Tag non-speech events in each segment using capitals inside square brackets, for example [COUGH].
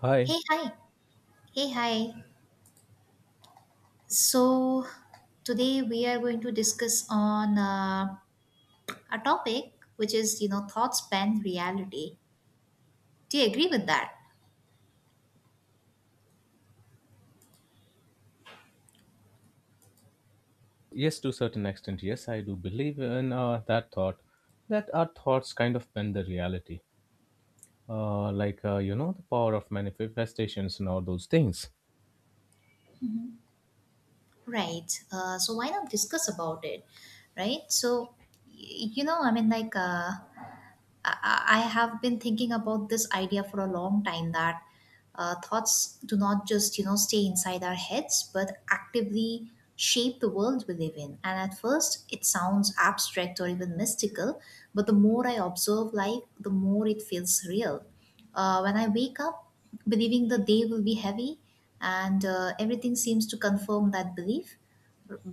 Hi. Hey, hi. Hey, hi. So today we are going to discuss on a topic which is thoughts span reality. Do you agree with that? Yes, to a certain extent, yes, I do believe in that thought that our thoughts kind of bend the reality. The power of manifestations and all those things. Right. So why not discuss about it? Right. So, I mean, like, I have been thinking about this idea for a long time that thoughts do not just stay inside our heads, but actively shape the world we live in. And at first, it sounds abstract or even mystical, but the more I observe life, the more it feels real. When I wake up believing the day will be heavy, and everything seems to confirm that belief.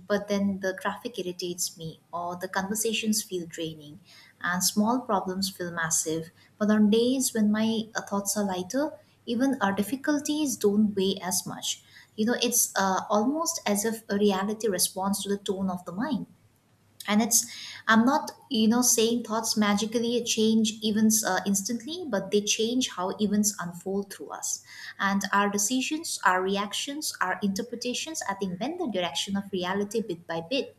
But then the traffic irritates me, or the conversations feel draining, and small problems feel massive. But on days when my thoughts are lighter, even our difficulties don't weigh as much. It's almost as if a reality responds to the tone of the mind. And it's I'm not saying thoughts magically change events instantly, but they change how events unfold through us. And our decisions, our reactions, our interpretations, I think, bend the direction of reality bit by bit.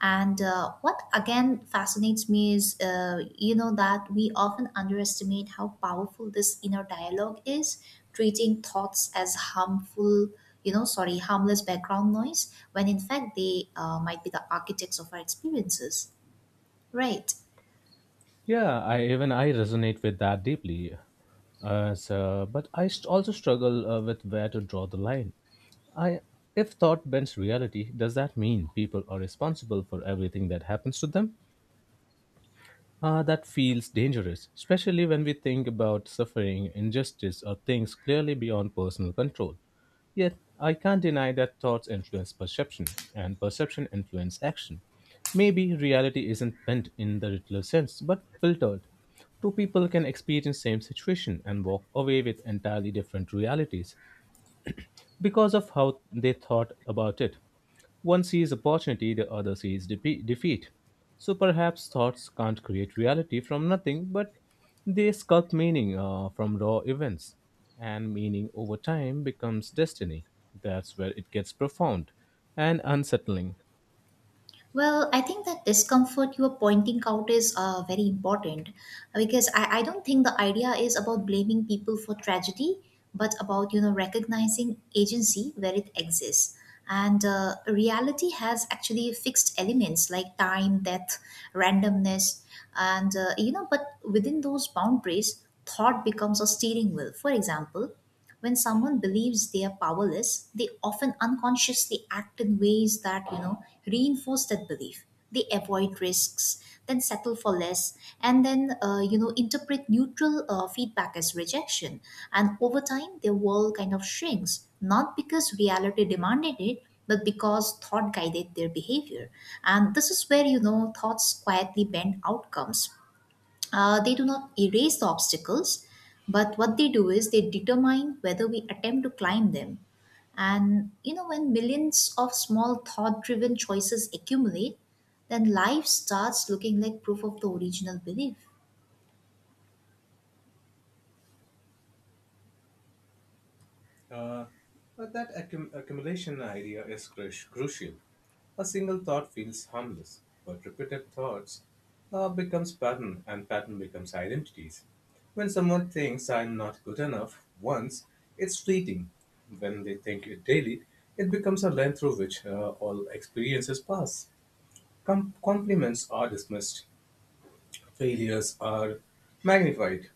And what again fascinates me is, that we often underestimate how powerful this inner dialogue is, treating thoughts as harmful, sorry, harmless background noise, when in fact they might be the architects of our experiences. Right. Yeah, I resonate with that deeply. But I also struggle with where to draw the line. I If thought bends reality, does that mean people are responsible for everything that happens to them? That feels dangerous, especially when we think about suffering, injustice, or things clearly beyond personal control. Yet, I can't deny that thoughts influence perception, and perception influence action. Maybe reality isn't bent in the literal sense, but filtered. Two people can experience same situation and walk away with entirely different realities because of how they thought about it. One sees opportunity, the other sees defeat. So perhaps thoughts can't create reality from nothing, but they sculpt meaning from raw events. And meaning over time becomes destiny. That's where it gets profound and unsettling. Well, I think that discomfort you are pointing out is very important, because I don't think the idea is about blaming people for tragedy, but about recognizing agency where it exists. And reality has actually fixed elements like time, death, randomness, and you know. But within those boundaries, thought becomes a steering wheel. For example, when someone believes they are powerless, they often unconsciously act in ways that reinforce that belief. They avoid risks, then settle for less, and then interpret neutral feedback as rejection. And over time, their world kind of shrinks, not because reality demanded it, but because thought guided their behavior. And this is where thoughts quietly bend outcomes. They do not erase the obstacles, but what they do is they determine whether we attempt to climb them. And when millions of small thought driven choices accumulate, then life starts looking like proof of the original belief. Uh, but that accumulation idea is crucial. A single thought feels harmless, but repeated thoughts becomes pattern and pattern becomes identities. When someone thinks I'm not good enough once, it's fleeting. When they think it daily, it becomes a lens through which all experiences pass. Compliments are dismissed, failures are magnified,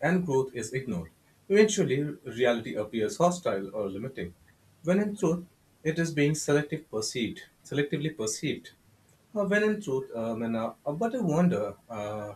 and growth is ignored. Eventually, reality appears hostile or limiting, when in truth, it is being selectively perceived when in truth, and, but I wonder,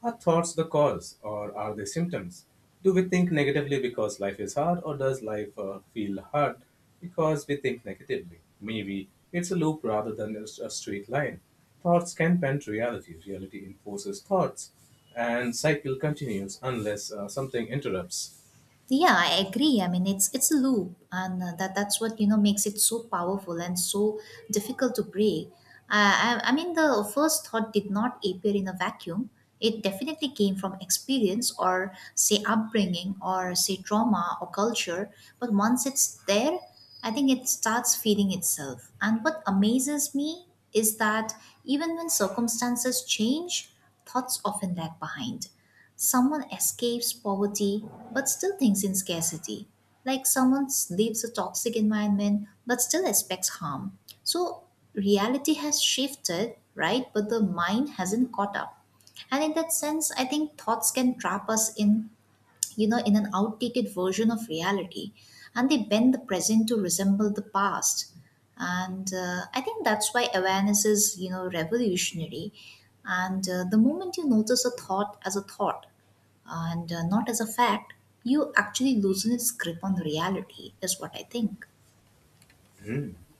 are thoughts the cause or are they symptoms? Do we think negatively because life is hard, or does life feel hard because we think negatively? Maybe it's a loop rather than a straight line. Thoughts can bend reality, reality enforces thoughts, and cycle continues unless something interrupts. Yeah, I agree. I mean, it's a loop, and that's what makes it so powerful and so difficult to break. I mean, the first thought did not appear in a vacuum. It definitely came from experience, or say upbringing, or say trauma or culture. But once it's there, I think it starts feeding itself. And what amazes me is that, even when circumstances change, thoughts often lag behind. Someone escapes poverty but still thinks in scarcity. Like, someone leaves a toxic environment but still expects harm. So reality has shifted, right? But the mind hasn't caught up. And in that sense, I think thoughts can trap us in, in an outdated version of reality, and they bend the present to resemble the past. And I think that's why awareness is revolutionary. And the moment you notice a thought as a thought, and not as a fact, you actually loosen its grip on reality, is what I think.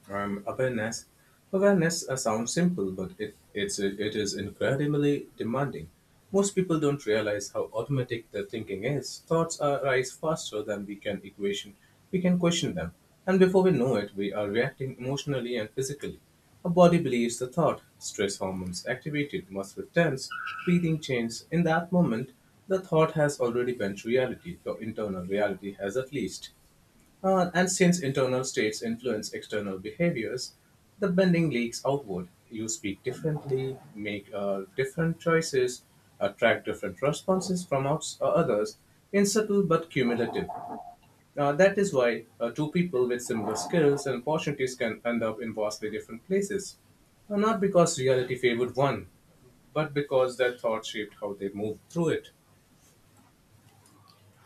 Awareness. Awareness sounds simple, but it is incredibly demanding. Most people don't realize how automatic their thinking is. Thoughts arise faster than we can equation. We can question them, and before we know it, we are reacting emotionally and physically. Our body believes the thought. Stress hormones activated, muscles tense, breathing changes. In that moment, the thought has already bent reality. Your internal reality has at least. And since internal states influence external behaviors, the bending leaks outward. You speak differently, make different choices, attract different responses from others in subtle but cumulative. That is why two people with similar skills and opportunities can end up in vastly different places. Not because reality favored one, but because their thought shaped how they moved through it.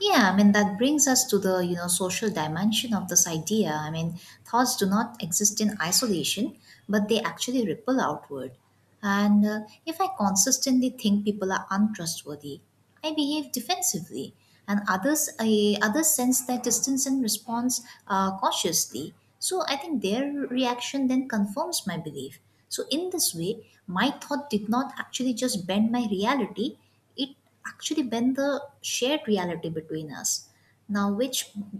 Yeah, I mean, that brings us to the social dimension of this idea. I mean, thoughts do not exist in isolation, but they actually ripple outward. And if I consistently think people are untrustworthy, I behave defensively, and others sense that distance and response cautiously. So I think their reaction then confirms my belief. So in this way, my thought did not actually just bend my reality, it actually bend the shared reality between us now, which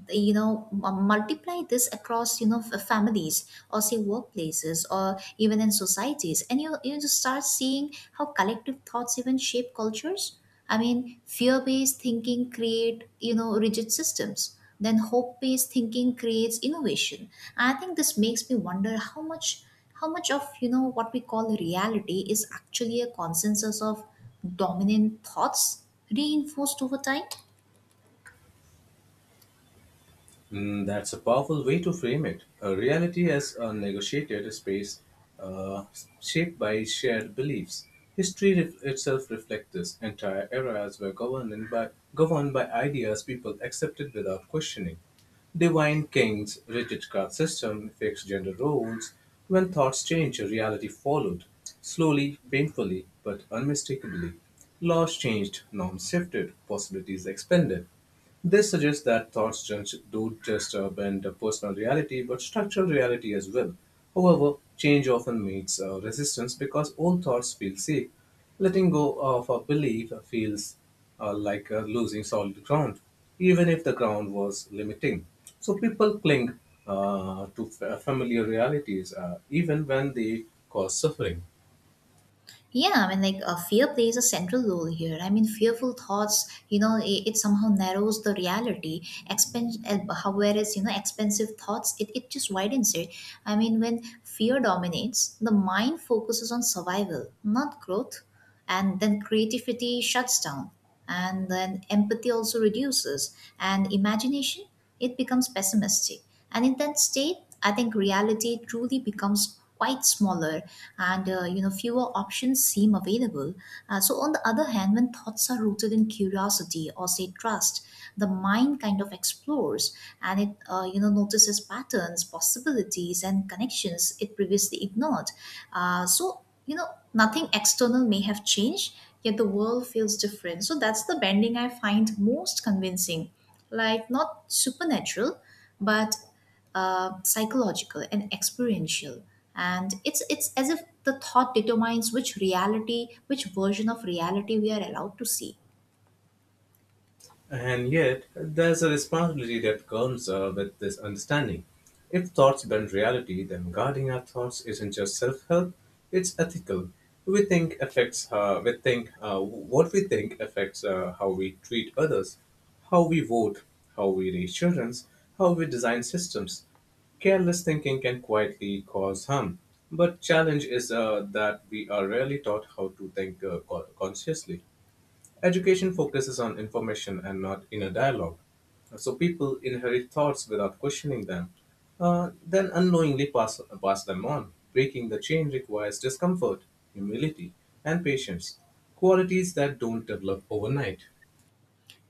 you know multiply this across families or say workplaces or even in societies, and you just start seeing how collective thoughts even shape cultures. I mean, fear-based thinking create rigid systems, then hope-based thinking creates innovation. I think this makes me wonder how much, of what we call reality is actually a consensus of dominant thoughts reinforced over time. Mm, that's a powerful way to frame it. A reality as a negotiated space uh, shaped by shared beliefs. History itself reflects this. Entire eras were governed by ideas people accepted without questioning. Divine kings, rigid caste system, fixed gender roles. When thoughts changed, reality followed. Slowly, painfully, but unmistakably. Laws changed, norms shifted, possibilities expanded. This suggests that thoughts just don't just bend a personal reality but structural reality as well. However, change often meets resistance because old thoughts feel safe. Letting go of a belief feels like losing solid ground, even if the ground was limiting. So people cling to familiar realities even when they cause suffering. Yeah, I mean, like, fear plays a central role here. I mean, fearful thoughts, it somehow narrows the reality, expense, whereas expensive thoughts, it just widens it. I mean, when fear dominates, the mind focuses on survival not growth. And then creativity shuts down, and then empathy also reduces, and imagination, it becomes pessimistic. And in that state, I think reality truly becomes quite smaller, and fewer options seem available. So on the other hand, when thoughts are rooted in curiosity or say trust, the mind kind of explores, and it notices patterns, possibilities, and connections it previously ignored. So nothing external may have changed, yet the world feels different. So that's the bending I find most convincing. Like, not supernatural, but psychological and experiential. And it's as if the thought determines which reality, which version of reality we are allowed to see. And yet, there's a responsibility that comes with this understanding. If thoughts bend reality, then guarding our thoughts isn't just self-help; it's ethical. We think affects we think what we think affects how we treat others, how we vote, how we raise children, how we design systems. Careless thinking can quietly cause harm, but challenge is that we are rarely taught how to think consciously. Education focuses on information and not inner dialogue. So people inherit thoughts without questioning them, then unknowingly pass them on. Breaking the chain requires discomfort, humility, and patience, qualities that don't develop overnight.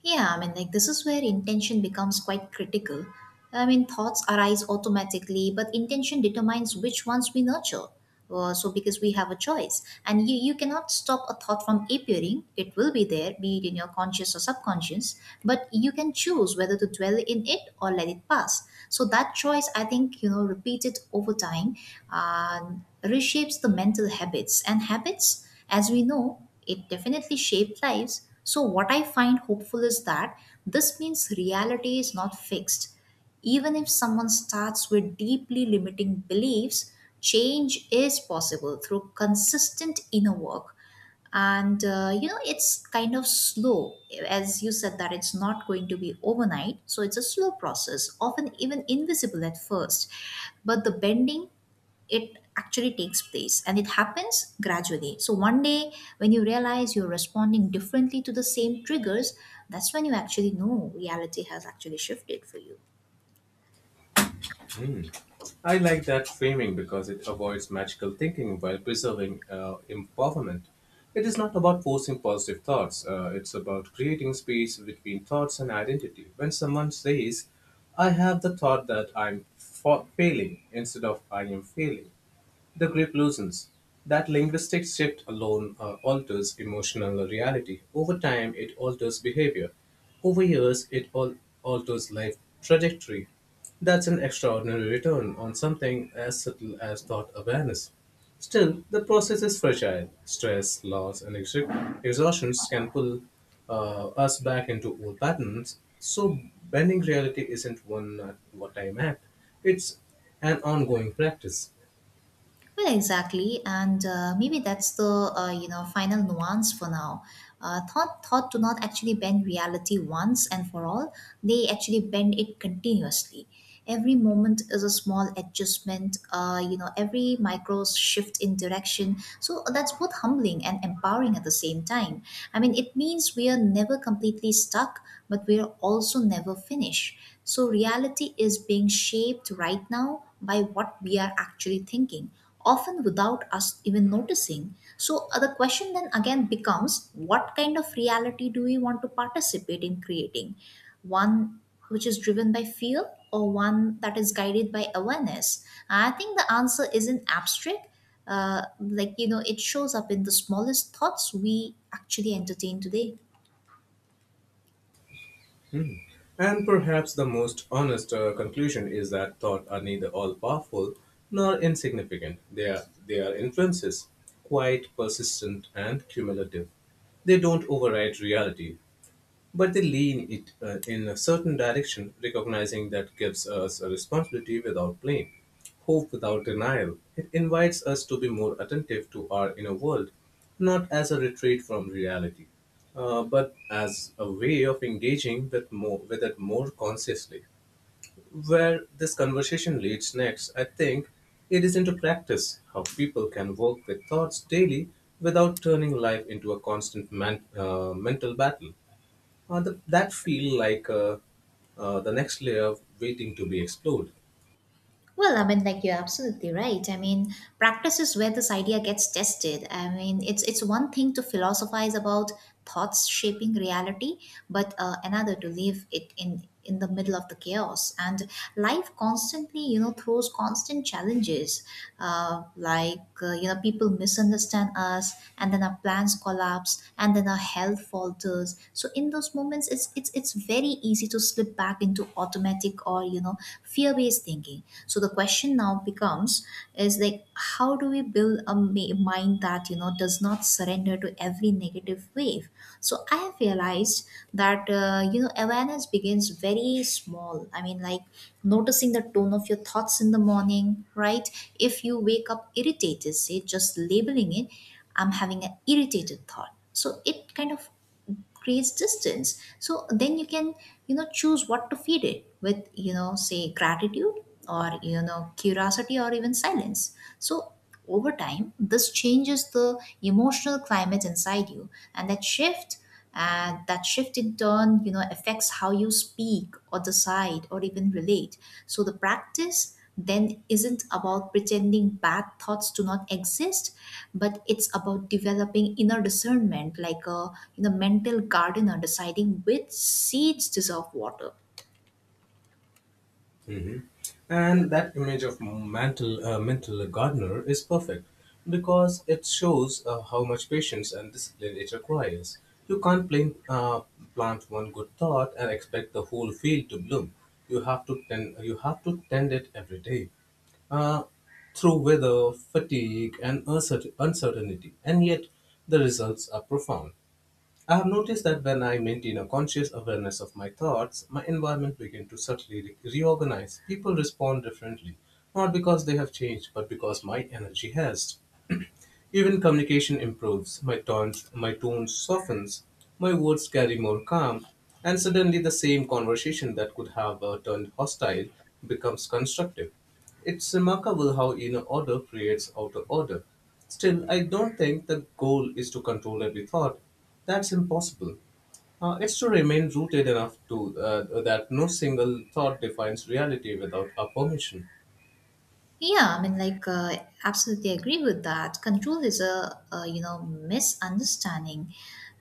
Yeah, I mean, like, this is where intention becomes quite critical. I mean, thoughts arise automatically, but intention determines which ones we nurture. So, because we have a choice, and you cannot stop a thought from appearing, it will be there, be it in your conscious or subconscious, but you can choose whether to dwell in it or let it pass. So that choice, I think, repeated over time uh, reshapes the mental habits, and habits, as we know, it definitely shaped lives. So what I find hopeful is that this means reality is not fixed. Even if someone starts with deeply limiting beliefs, change is possible through consistent inner work, and it's kind of slow, as you said, that it's not going to be overnight, so it's a slow process, often even invisible at first, but the bending, it actually takes place, and it happens gradually. So, one day when you realize you're responding differently to the same triggers, that's when you actually know reality has actually shifted for you. I like that framing because it avoids magical thinking while preserving empowerment. It is not about forcing positive thoughts, it's about creating space between thoughts and identity. When someone says, I have the thought that I'm failing, instead of I am failing, the grip loosens. That linguistic shift alone alters emotional reality. Over time, it alters behavior. Over years, it alters life trajectory. That's an extraordinary return on something as subtle as thought awareness. Still, the process is fragile. Stress, loss, and exhaustions can pull us back into old patterns. So, bending reality isn't one what time act, it's an ongoing practice. Well, exactly, and maybe that's the final nuance for now. Thought do not actually bend reality once and for all. They actually bend it continuously. Every moment is a small adjustment, every micro shift in direction. So that's both humbling and empowering at the same time. I mean, it means we are never completely stuck, but we are also never finished. So reality is being shaped right now by what we are actually thinking, often without us even noticing. So, the question then again becomes, what kind of reality do we want to participate in creating? One which is driven by fear, or one that is guided by awareness? I think the answer isn't abstract. Like, it shows up in the smallest thoughts we actually entertain today. And perhaps the most honest conclusion is that thought are neither all powerful nor insignificant. They are influences, quite persistent and cumulative. They don't override reality, but they lean it in a certain direction, recognizing that gives us a responsibility without blame, hope without denial. It invites us to be more attentive to our inner world, not as a retreat from reality, but as a way of engaging with it more consciously. Where this conversation leads next, I think it is into practice how people can work with thoughts daily without turning life into a constant mental battle. That feel like the next layer waiting to be explored. Well, I mean, like, you're absolutely right. I mean, practice is where this idea gets tested. I mean, it's one thing to philosophize about thoughts shaping reality, but another to leave it in the middle of the chaos. And life constantly, throws constant challenges, like people misunderstand us, and then our plans collapse, and then our health falters. So in those moments, it's very easy to slip back into automatic, or fear based thinking. So the question now becomes, is like, how do we build a mind that does not surrender to every negative wave? So I have realized that awareness begins very small. I mean, like, noticing the tone of your thoughts in the morning, right? If you wake up irritated, say, just labeling it, I'm having an irritated thought. So it kind of creates distance, so then you can choose what to feed it with, say gratitude, or curiosity, or even silence. So over time this changes the emotional climate inside you, and that shift, in turn, affects how you speak or decide or even relate. So the practice then isn't about pretending bad thoughts do not exist, but it's about developing inner discernment, like a mental gardener deciding which seeds deserve water. Mhm. And that image of mental gardener is perfect because it shows how much patience and discipline it requires. You can't plant one good thought and expect the whole field to bloom. You have to tend it every day uh, through weather, fatigue, and uncertainty, and yet the results are profound. I have noticed that when I maintain a conscious awareness of my thoughts, my environment begins to subtly reorganize. People respond differently, not because they have changed, but because my energy has. [CLEARS THROAT] Even communication improves, my tone softens, my words carry more calm, and suddenly the same conversation that could have turned hostile becomes constructive. It's remarkable how inner order creates outer order. Still, I don't think the goal is to control every thought. That's impossible. It's to remain rooted enough to that no single thought defines reality without our permission. Yeah, I mean, like, absolutely agree with that. Control is a misunderstanding.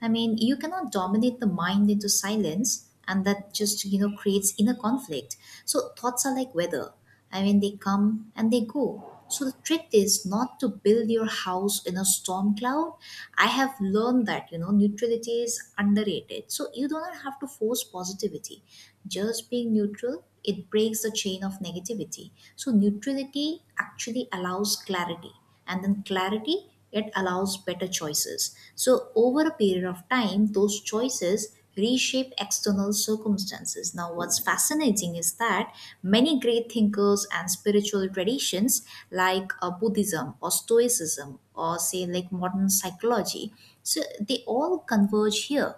I mean, you cannot dominate the mind into silence, and that just, creates inner conflict. So thoughts are like weather. I mean, they come and they go. So the trick is not to build your house in a storm cloud. I have learned that, you know, neutrality is underrated. So you do not have to force positivity. Just being neutral it breaks the chain of negativity. So neutrality actually allows clarity, and then clarity it allows better choices. So over a period of time, those choices reshape external circumstances. Now, what's fascinating is that many great thinkers and spiritual traditions like Buddhism or Stoicism or say like modern psychology, so they all converge here.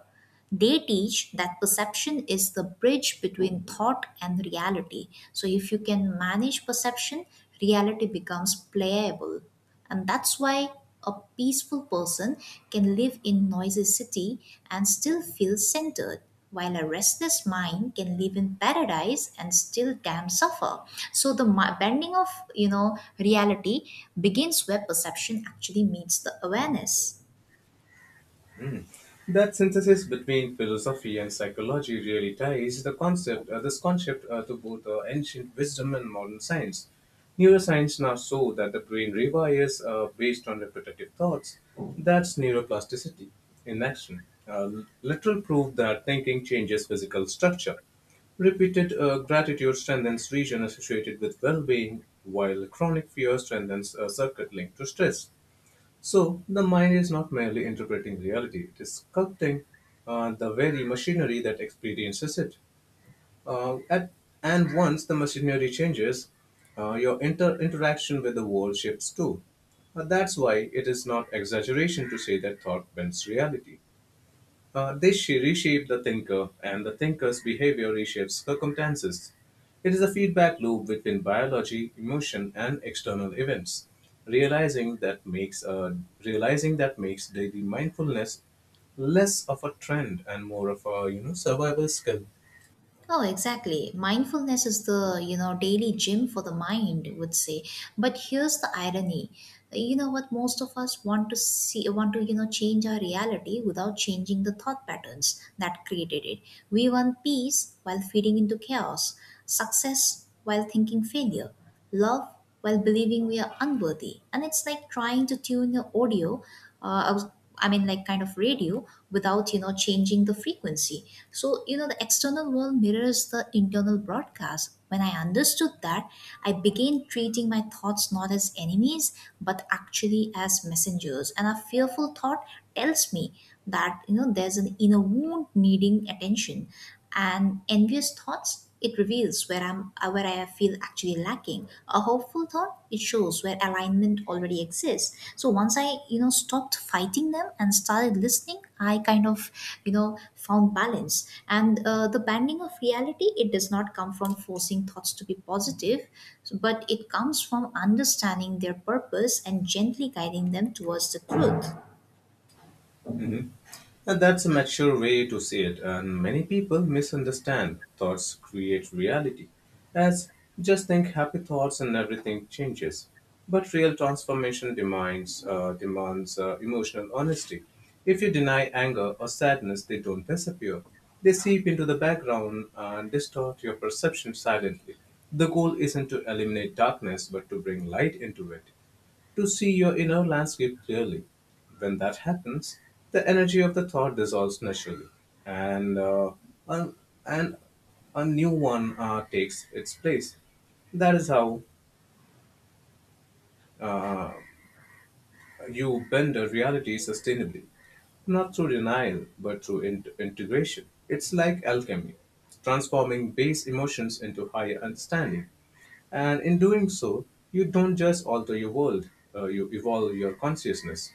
They teach that perception is the bridge between thought and reality. So, if you can manage perception, reality becomes playable. And that's why a peaceful person can live in noisy city and still feel centered while a restless mind can live in paradise and still damn suffer. So the bending of, you know, reality begins where perception actually meets the awareness. That synthesis between philosophy and psychology really ties this concept to both ancient wisdom and modern science. Neuroscience now show that the brain rewires based on repetitive thoughts. That's neuroplasticity in action. Literal proof that thinking changes physical structure. Repeated gratitude strengthens region associated with well-being, while chronic fear strengthens a circuit linked to stress. So the mind is not merely interpreting reality; it is sculpting the very machinery that experiences it. Uh, at, and once the machinery changes, your interaction with the world shifts too. That's why it is not exaggeration to say that thought bends reality. Reshape the thinker, and the thinker's behavior reshapes circumstances. It is a feedback loop between biology, emotion, and external events. Realizing that makes uh, realizing that makes daily mindfulness less of a trend and more of a you know survival skill. Oh, exactly. Mindfulness is the, you know, daily gym for the mind, I would say. But here's the irony. You know what most of us want to see want to, you know, change our reality without changing the thought patterns that created it. We want peace while feeding into chaos, success while thinking failure, love while believing we are unworthy. And it's like trying to tune your audio, uh, I, was, I mean, like kind of radio, without, you know, changing the frequency. So, you know, the external world mirrors the internal broadcast. When I understood that, I began treating my thoughts not as enemies, but actually as messengers. And a fearful thought tells me that, you know, there's an inner wound needing attention. And envious thoughts it reveals where I'm where I feel actually lacking. A hopeful thought, it shows where alignment already exists. So once I, you know, stopped fighting them and started listening, I kind of, you know, found balance. And the banding of reality, it does not come from forcing thoughts to be positive, but it comes from understanding their purpose and gently guiding them towards the truth. Mhm. And that's a mature way to see it, and many people misunderstand thoughts create reality as just think happy thoughts and everything changes. But real transformation demands emotional honesty. If you deny anger or sadness, they don't disappear. They seep into the background and distort your perception silently. The goal isn't to eliminate darkness, but to bring light into it to see your inner landscape clearly. When that happens, the energy of the thought dissolves naturally, and a, and a new one takes its place. That is how you bend a reality sustainably, not through denial, but through integration. It's like alchemy, transforming base emotions into higher understanding. And in doing so, you don't just alter your world, you evolve your consciousness.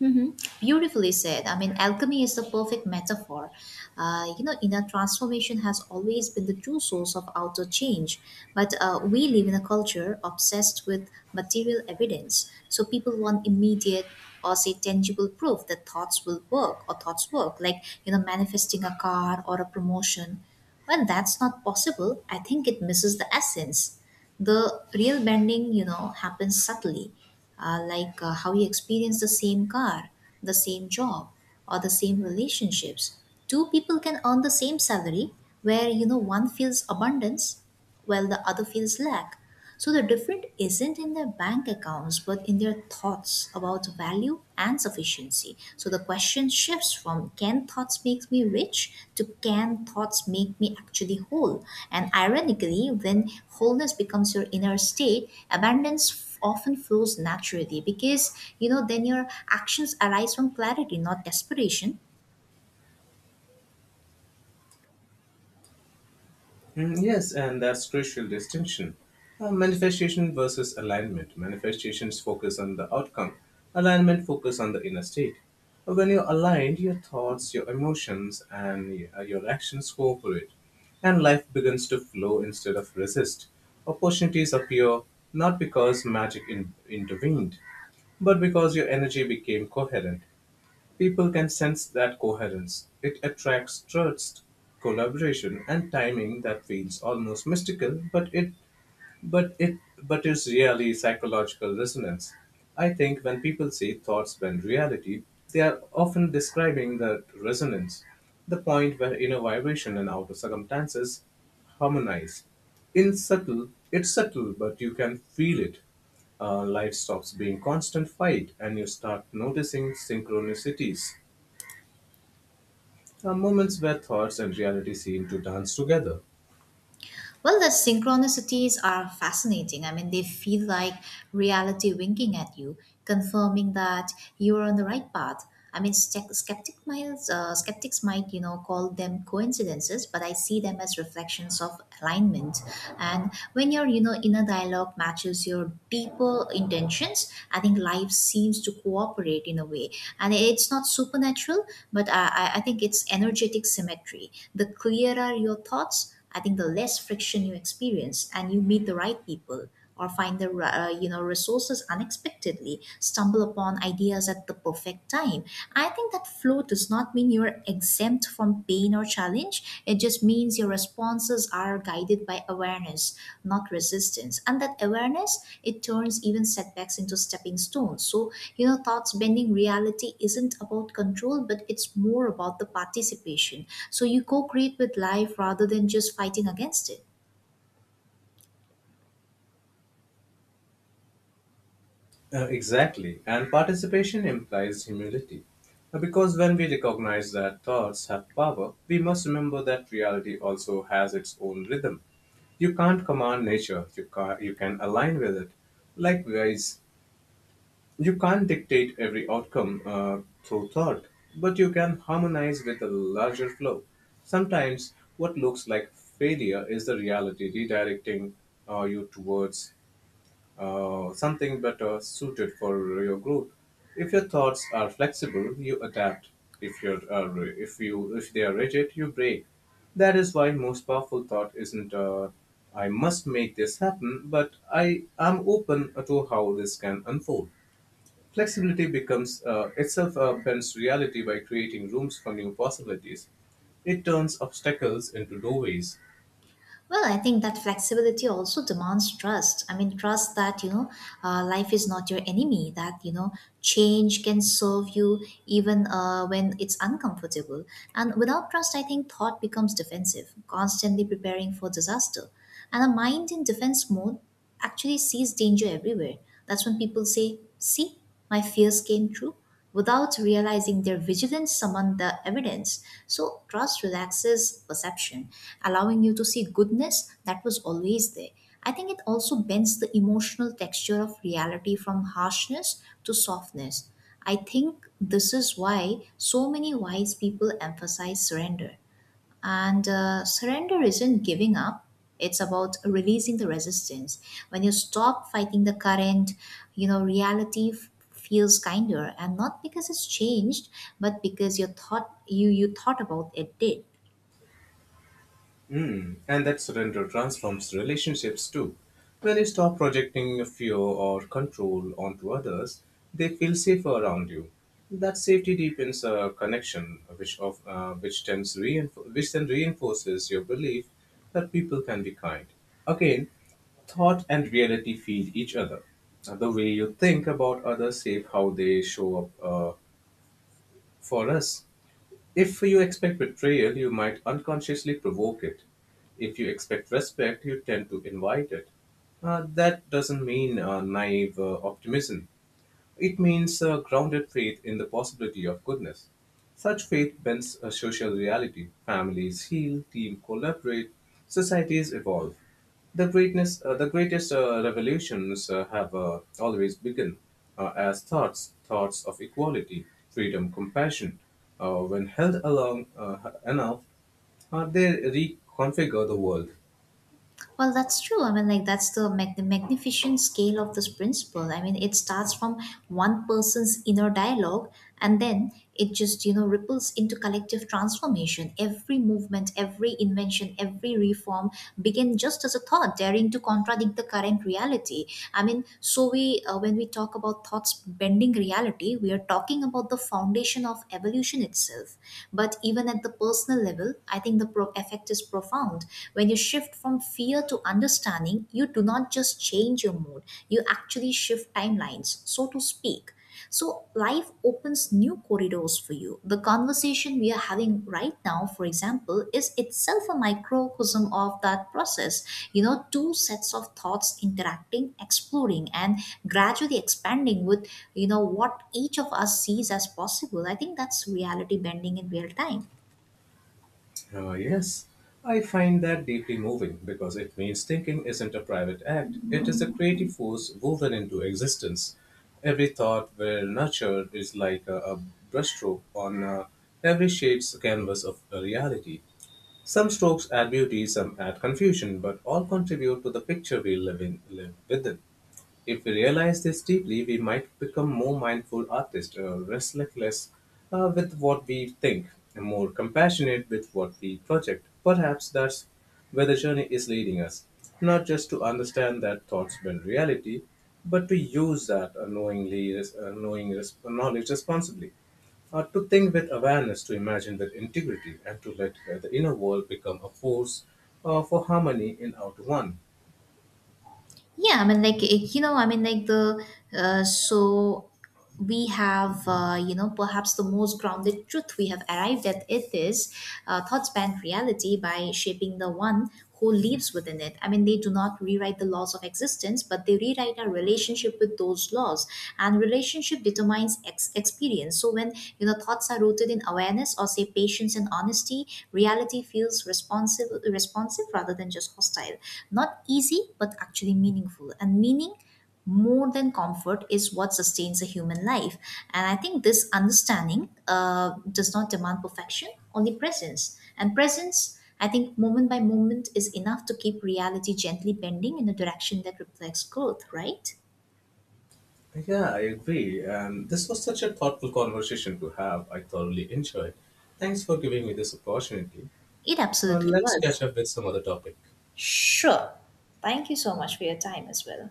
Hmm. Beautifully said. I mean, alchemy is the perfect metaphor. You know, inner transformation has always been the true source of outer change. But we live in a culture obsessed with material evidence. So people want immediate or say tangible proof that thoughts will work or thoughts work, like, you know, manifesting a car or a promotion. When that's not possible, I think it misses the essence. The real bending, you know, happens subtly, how you experience the same car, the same job, or the same relationships. Two people can earn the same salary where, you know, one feels abundance while the other feels lack. So the difference isn't in their bank accounts, but in their thoughts about value and sufficiency. So the question shifts from can thoughts make me rich to can thoughts make me actually whole? And ironically, when wholeness becomes your inner state, abundance often flows naturally, because you know then your actions arise from clarity, not desperation. Mm, yes, and that's crucial distinction. Manifestation versus alignment. Manifestations focus on the outcome. Alignment focus on the inner state. When you're aligned, your thoughts, your emotions, and your actions cooperate, and life begins to flow instead of resist. Opportunities appear not because magic intervened, but because your energy became coherent. People can sense that coherence; it attracts trust, collaboration, and timing that feels almost mystical, but it but is really psychological resonance. I think when people see thoughts bend reality, they are often describing the resonance, the point where inner vibration and outer circumstances harmonize. It's subtle, but you can feel it life stops being constant fight and you start noticing synchronicities moments where thoughts and reality seem to dance together. Well, the synchronicities are fascinating. I mean, they feel like reality winking at you, confirming that you are on the right path. I mean, skeptics might, you know, call them coincidences, but I see them as reflections of alignment. And when your, you know, inner dialogue matches your deeper intentions, I think life seems to cooperate in a way. And it's not supernatural, but I think it's energetic symmetry. The clearer your thoughts, I think the less friction you experience, and you meet the right people or find the you know resources, unexpectedly stumble upon ideas at the perfect time. I think that flow does not mean you're exempt from pain or challenge. It just means your responses are guided by awareness, not resistance. And that awareness, it turns even setbacks into stepping stones. So, you know, thoughts bending reality isn't about control, but it's more about the participation. So you co create with life rather than just fighting against it. Exactly, and participation implies humility. Because when we recognize that thoughts have power, we must remember that reality also has its own rhythm. You can't command nature, you can align with it. Likewise, you can't dictate every outcome through thought, but you can harmonize with a larger flow. Sometimes, what looks like failure is the reality redirecting you towards something better suited for your group. If your thoughts are flexible, you adapt. If you're uh, if they are rigid, you break. That is why most powerful thought isn't I must make this happen, but I am open to how this can unfold. Flexibility becomes itself bends reality by creating rooms for new possibilities. It turns obstacles into doorways. Well, I think that flexibility also demands trust. I mean, trust that, you know, life is not your enemy, that, you know, change can serve you even when it's uncomfortable. And without trust, I think thought becomes defensive, constantly preparing for disaster. And a mind in defense mode actually sees danger everywhere. That's when people say, see, my fears came true, without realizing their vigilance summoned the evidence. So, trust relaxes perception, allowing you to see goodness that was always there. I think it also bends the emotional texture of reality from harshness to softness. I think this is why so many wise people emphasize surrender, and surrender isn't giving up, it's about releasing the resistance. When you stop fighting the current, you know, reality feels kinder, and not because it's changed, but because your thought you you thought about it did. Mm, and that surrender transforms relationships too. When you stop projecting your fear or control onto others, they feel safer around you. That safety deepens a connection, which of which tends reinf- which then reinforces your belief that people can be kind. Again, thought and reality feed each other. The way you think about others shape how they show up for us. If you expect betrayal, you might unconsciously provoke it. If you expect respect, you tend to invite it. That doesn't mean naive optimism. It means a grounded faith in the possibility of goodness. Such faith bends a social reality. Families heal, teams collaborate, societies evolve. The greatest revolutions have always begun as thoughts, thoughts of equality, freedom, compassion. When held along enough, they reconfigure the world. Well, that's true. I mean, like that's the the magnificent scale of this principle. I mean, it starts from one person's inner dialogue, and then it just you know ripples into collective transformation. Every movement, every invention, every reform began just as a thought, daring to contradict the current reality. I mean, so we when we talk about thoughts bending reality, we are talking about the foundation of evolution itself. But even at the personal level, I think the effect is profound. When you shift from fear to understanding, you do not just change your mood, you actually shift timelines, so to speak. So, life opens new corridors for you. The conversation we are having right now, for example, is itself a microcosm of that process. You know, two sets of thoughts interacting, exploring, and gradually expanding with, you know, what each of us sees as possible. I think that's reality bending in real time. Yes, I find that deeply moving because it means thinking isn't a private act, it is a creative force woven into existence. Every thought well nurtured is like a brushstroke on every shade's canvas of a reality. Some strokes add beauty, some add confusion, but all contribute to the picture we live within. If we realize this deeply, we might become more mindful artists, restless with what we think, and more compassionate with what we project. Perhaps that's where the journey is leading us, not just to understand that thoughts bend reality, but to use that knowingly, res- knowing res- knowledge responsibly, to think with awareness, to imagine with integrity, and to let the inner world become a force for harmony in outer one. Yeah, I mean, like, it- you know, I mean, like, the, so We have, you know, perhaps the most grounded truth we have arrived at it is thoughts bend reality by shaping the one who lives within it. I mean, they do not rewrite the laws of existence, but they rewrite our relationship with those laws. And relationship determines experience. So when, you know, thoughts are rooted in awareness or, say, patience and honesty, reality feels responsive, responsive rather than just hostile. Not easy, but actually meaningful. And meaning more than comfort is what sustains a human life. And I think this understanding does not demand perfection, only presence. And presence, I think, moment by moment is enough to keep reality gently bending in a direction that reflects growth, right? Yeah, I agree. And this was such a thoughtful conversation to have. I thoroughly enjoyed. Thanks for giving me this opportunity. It absolutely Let's was. catch up with some other topic. Sure. Thank you so much for your time as well.